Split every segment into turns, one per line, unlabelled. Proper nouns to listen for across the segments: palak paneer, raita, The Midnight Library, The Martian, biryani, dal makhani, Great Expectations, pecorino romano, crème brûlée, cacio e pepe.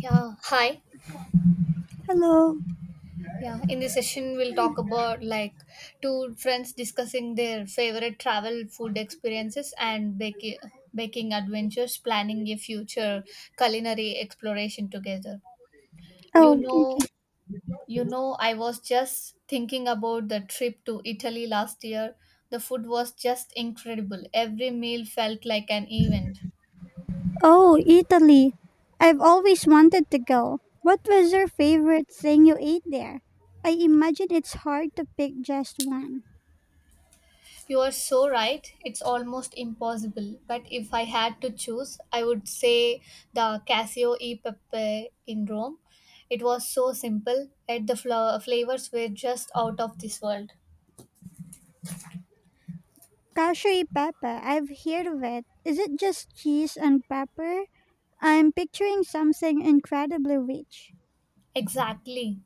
Yeah, hi.
Hello.
Yeah, in this session, we'll talk about like two friends discussing their favorite travel, food experiences, and baking adventures, planning a future culinary exploration together. You
Oh, okay.
know, I was just thinking about the trip to Italy last year. The food was just incredible. Every meal felt like an event.
Oh, Italy. I've always wanted to go. What was your favorite thing you ate there? I imagine it's hard to pick just one.
You are so right. It's almost impossible. But if I had to choose, I would say the Casio e Pepe in Rome. It was so simple, yet the flavors were just out of this world.
Cacio e pepe. I've heard of it. Is it just cheese and pepper? I'm picturing something incredibly rich.
Exactly.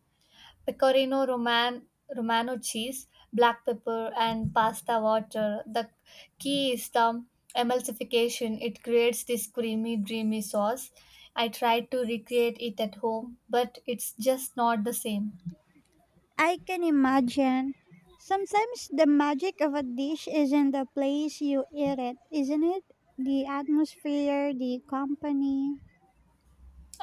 Pecorino Romano cheese, black pepper, and pasta water. The key is the emulsification. It creates this creamy, dreamy sauce. I tried to recreate it at home, but it's just not the same.
I can imagine. Sometimes the magic of a dish is in the place you eat it, isn't it? The atmosphere, the company.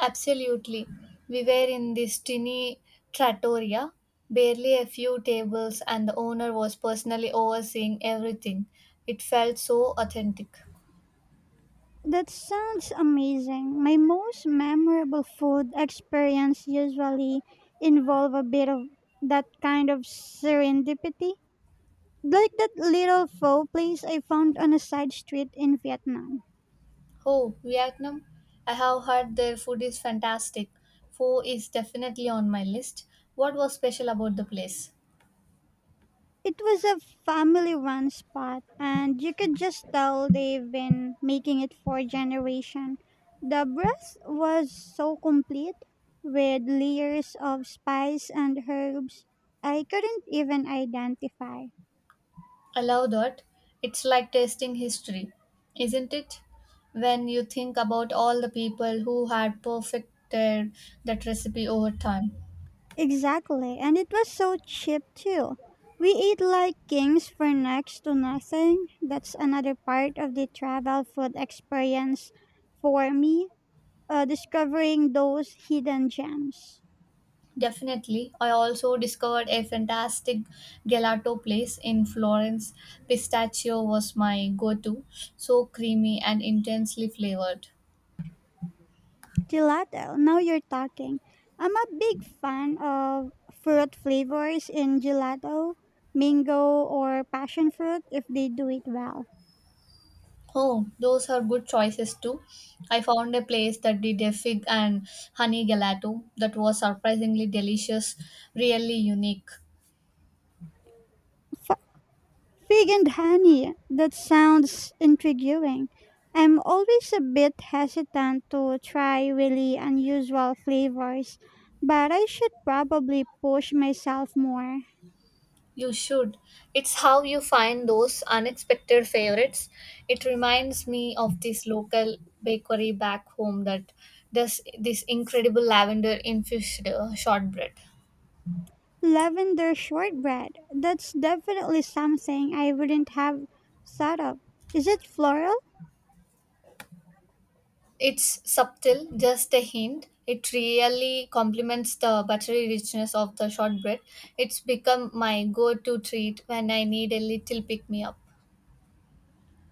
Absolutely. We were in this tiny trattoria, barely a few tables, and the owner was personally overseeing everything. It felt so authentic.
That sounds amazing. My most memorable food experience usually involve a bit of that kind of serendipity. Like that little pho place I found on a side street in Vietnam.
Oh, Vietnam? I have heard their food is fantastic. Pho is definitely on my list. What was special about the place?
It was a family run spot and you could just tell they've been making it for a generation. The broth was so complete with layers of spice and herbs I couldn't even identify.
I love that. It's like tasting history, isn't it? When you think about all the people who had perfected that recipe over time.
Exactly, and it was so cheap too. We eat like kings for next to nothing. That's another part of the travel food experience for me, discovering those hidden gems.
Definitely. I also discovered a fantastic gelato place in Florence. Pistachio was my go to, so creamy and intensely flavored.
Gelato, now you're talking. I'm a big fan of fruit flavors in gelato, mango or passion fruit if they do it well.
Oh, those are good choices too. I found a place that did a fig and honey gelato that was surprisingly delicious, really unique.
Fig and honey. That sounds intriguing. I'm always a bit hesitant to try really unusual flavors, but I should probably push myself more.
You should. It's how you find those unexpected favorites. It reminds me of this local bakery back home that does this incredible lavender infused shortbread.
Lavender shortbread. That's definitely something I wouldn't have thought of. Is it floral?
It's subtle, just a hint. It really complements the buttery richness of the shortbread. It's become my go to treat when I need a little pick me up.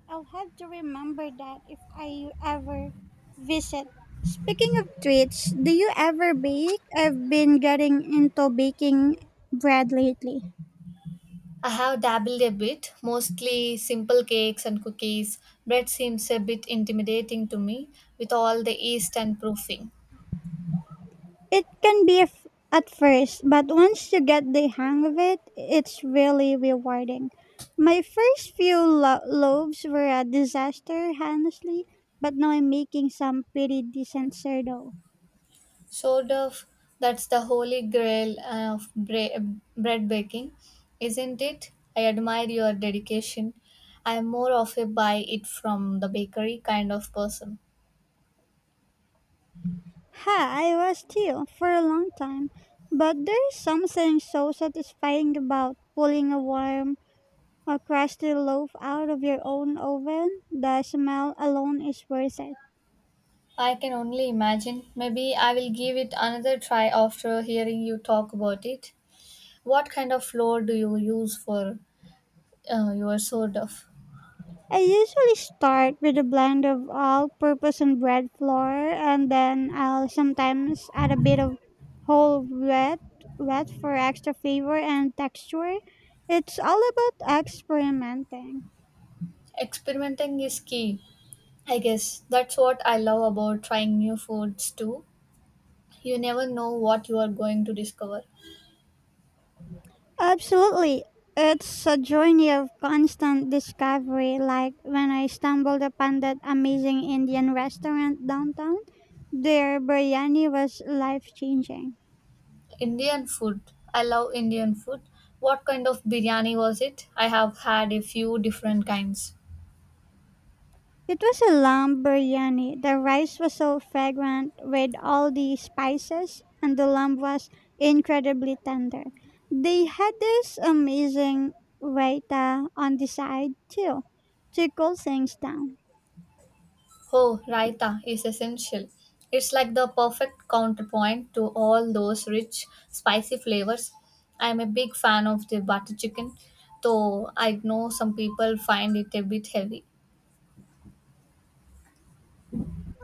I'll have to remember that if I ever visit. Speaking of treats, do you ever bake? I've been getting into baking bread lately.
I have dabbled a bit, mostly simple cakes and cookies. Bread seems a bit intimidating to me with all the yeast and proofing.
It can be at first, but once you get the hang of it, it's really rewarding. My first few loaves were a disaster, honestly, but now I'm making some pretty decent sourdough.
Sort of, that's the holy grail of bread baking, isn't it? I admire your dedication. I am more of a buy it from the bakery kind of person.
Ha, I was too, for a long time, but there's something so satisfying about pulling a warm, a crusty loaf out of your own oven. The smell alone is worth it.
I can only imagine. Maybe I will give it another try after hearing you talk about it. What kind of flour do you use for you are so tough.
I usually start with a blend of all purpose and bread flour, and then I'll sometimes add a bit of whole wheat, wheat for extra flavor and texture. It's all about experimenting.
Experimenting is key. I guess that's what I love about trying new foods too. You never know what you are going to discover.
Absolutely. It's a journey of constant discovery, like when I stumbled upon that amazing Indian restaurant downtown. Their biryani was life changing.
Indian food. I love Indian food. What kind of biryani was it? I have had a few different kinds.
It was a lamb biryani. The rice was so fragrant with all the spices, and the lamb was incredibly tender. They had this amazing raita on the side, too, to cool things down.
Oh, raita is essential. It's like the perfect counterpoint to all those rich, spicy flavors. I'm a big fan of the butter chicken, though I know some people find it a bit heavy.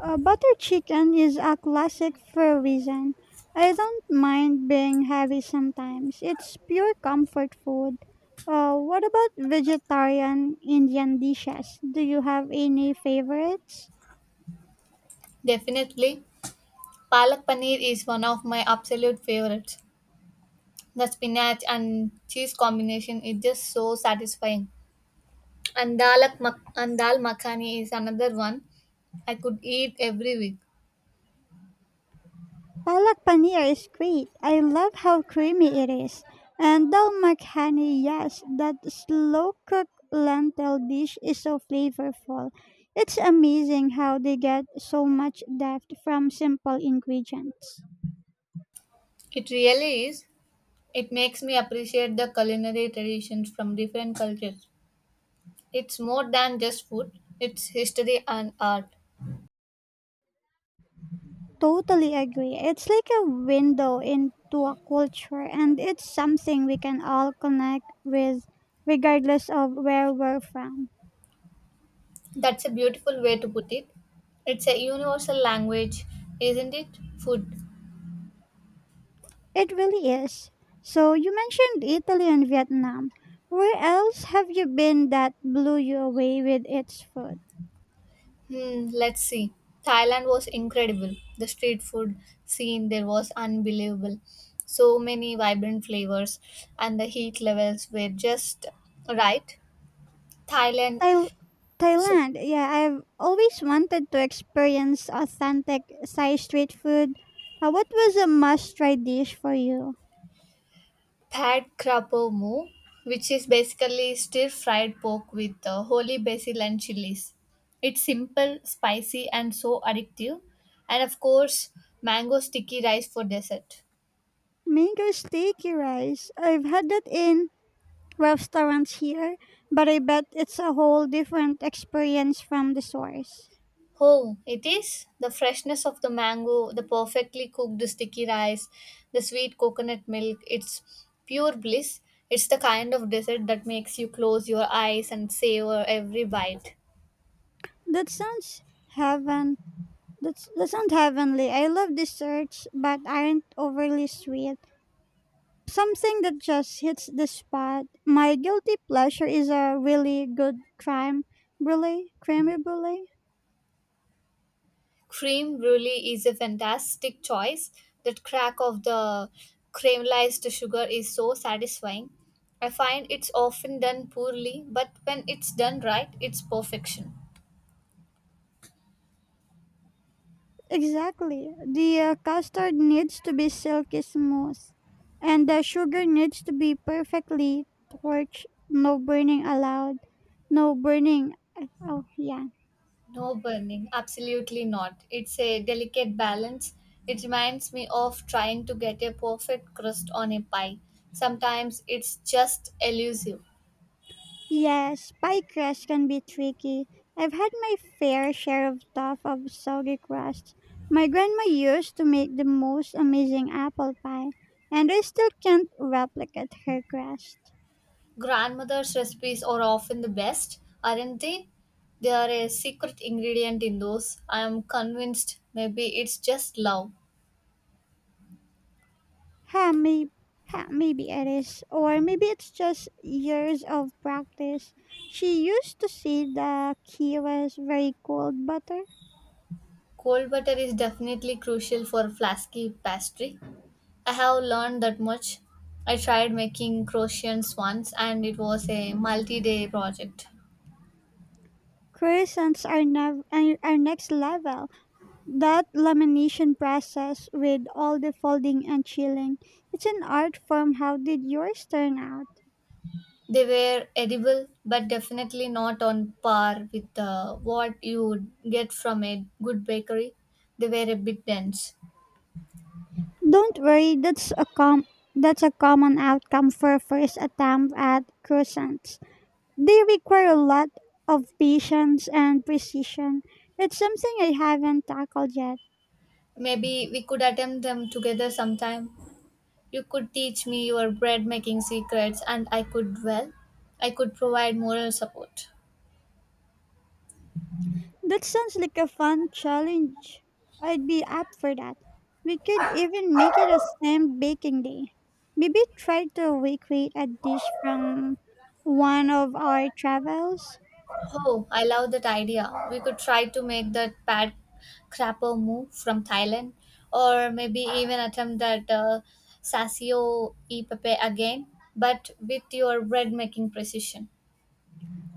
Butter chicken is a classic for a reason. I don't mind being heavy sometimes. It's pure comfort food. What about vegetarian Indian dishes? Do you have any favorites?
Definitely. Palak paneer is one of my absolute favorites. The spinach and cheese combination is just so satisfying. And dal makhani is another one I could eat every week.
Palak paneer is great. I love how creamy it is. And dal makhani, yes, that slow cooked lentil dish is so flavorful. It's amazing how they get so much depth from simple ingredients.
It really is. It makes me appreciate the culinary traditions from different cultures. It's more than just food, it's history and art.
Totally agree. It's like a window into a culture, and it's something we can all connect with regardless of where we're from.
That's a beautiful way to put it. It's a universal language, isn't it? Food.
It really is. So you mentioned Italy and Vietnam. Where else have you been that blew you away with its food?
Let's see. Thailand was incredible. The street food scene there was unbelievable. So many vibrant flavors, and the heat levels were just right. Thailand
Thail
so
Thailand. Yeah, I've always wanted to experience authentic Thai street food. What was a must-try dish for you?
pad krapo mu, which is basically stir fried pork with holy basil and chilies. It's simple, spicy, and so addictive. And of course, mango sticky rice for dessert.
Mango sticky rice. I've had that in restaurants here, but I bet it's a whole different experience from the source.
Oh, it is? The freshness of the mango, the perfectly cooked sticky rice, the sweet coconut milk, it's pure bliss. It's the kind of dessert that makes you close your eyes and savor every bite.
That sounds heaven. That sounds heavenly. I love desserts, but aren't overly sweet. Something that just hits the spot. My guilty pleasure is a really good crime brulee, creamy brulee.
Cream brulee is a fantastic choice. That crack of the caramelized sugar is so satisfying. I find it's often done poorly, but when it's done right, it's perfection.
Exactly. The custard needs to be silky smooth, and the sugar needs to be perfectly torched. No burning allowed. No burning. Oh yeah.
No burning, absolutely not. It's a delicate balance. It reminds me of trying to get a perfect crust on a pie. Sometimes it's just elusive.
Yes, pie crust can be tricky. I've had my fair share of tough of soggy crusts. My grandma used to make the most amazing apple pie, and I still can't replicate her crust.
Grandmother's recipes are often the best, aren't they? They are a secret ingredient in those. I am convinced maybe it's just love.
Ha, maybe, ha, maybe it is, or maybe it's just years of practice. She used to say the key was very cold butter.
Cold butter is definitely crucial for flasky pastry. I have learned that much. I tried making croissants once and it was a multi day project.
Croissants are, are next level. That lamination process with all the folding and chilling, it's an art form. How did yours turn out?
They were edible, but definitely not on par with what you would get from a good bakery. They were a bit dense.
Don't worry, that's a common outcome for a first attempt at croissants. They require a lot of patience and precision. It's something I haven't tackled yet.
Maybe we could attempt them together sometime. You could teach me your bread making secrets, and I could, well, I could provide moral support.
That sounds like a fun challenge. I'd be up for that. We could even make it a Sam baking day. Maybe try to recreate a dish from one of our travels.
Oh, I love that idea. We could try to make that pad crapper move from Thailand, or maybe even attempt that sasio e pepe again, but with your bread making precision.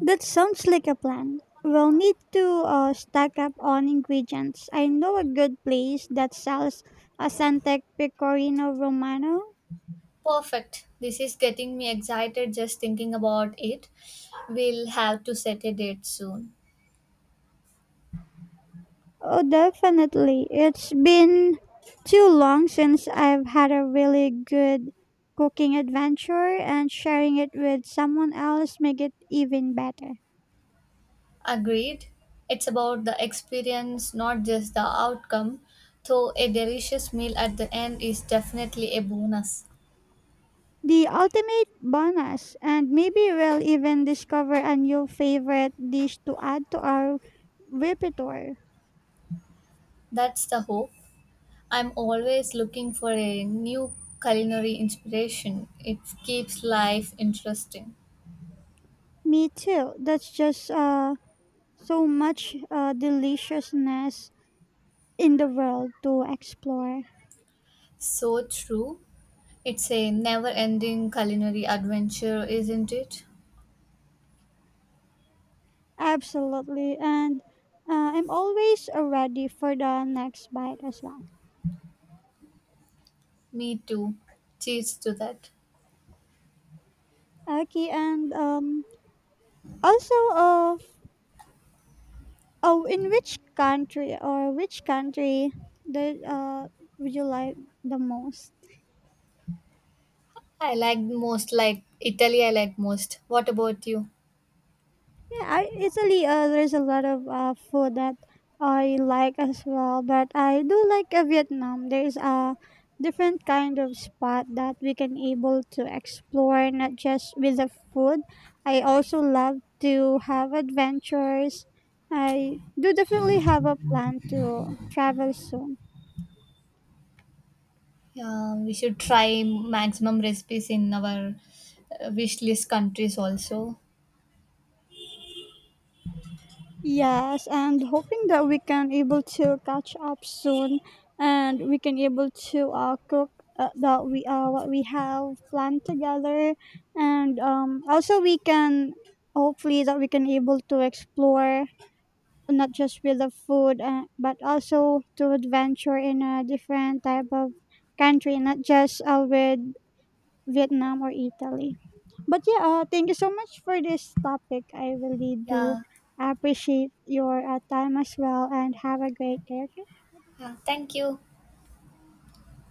That sounds like a plan. We'll need to stock up on ingredients. I know a good place that sells authentic pecorino romano.
Perfect. This is getting me excited just thinking about it. We'll have to set a date soon.
Oh, definitely. It's been too long since I've had a really good cooking adventure, and sharing it with someone else make it even better.
Agreed. It's about the experience, not just the outcome, though a delicious meal at the end is definitely a bonus.
The ultimate bonus, and maybe we'll even discover a new favorite dish to add to our repertoire.
That's the hope. I'm always looking for a new culinary inspiration. It keeps life interesting.
Me too. That's just so much deliciousness in the world to explore.
So true. It's a never ending culinary adventure, isn't it?
Absolutely. And I'm always ready for the next bite as well.
Me too. Cheers to that.
Okay, also, uh, oh, in which country or which country that would you like the most?
I like most like Italy I like most. What about you?
Yeah, Italy. There's a lot of food that I like as well, but I do like Vietnam. There's a different kind of spot that we can able to explore, not just with the food. I also love to have adventures. I do definitely have a plan to travel soon.
Yeah, we should try maximum recipes in our wish list countries also.
Yes, and hoping that we can able to catch up soon, and we can able to cook that we what we have planned together, and also we can hopefully that we can able to explore not just with the food, but also to adventure in a different type of country, not just with Vietnam or Italy. But yeah, thank you so much for this topic. I really do
Yeah.
appreciate your time as well and have a great day.
Yeah. Thank you.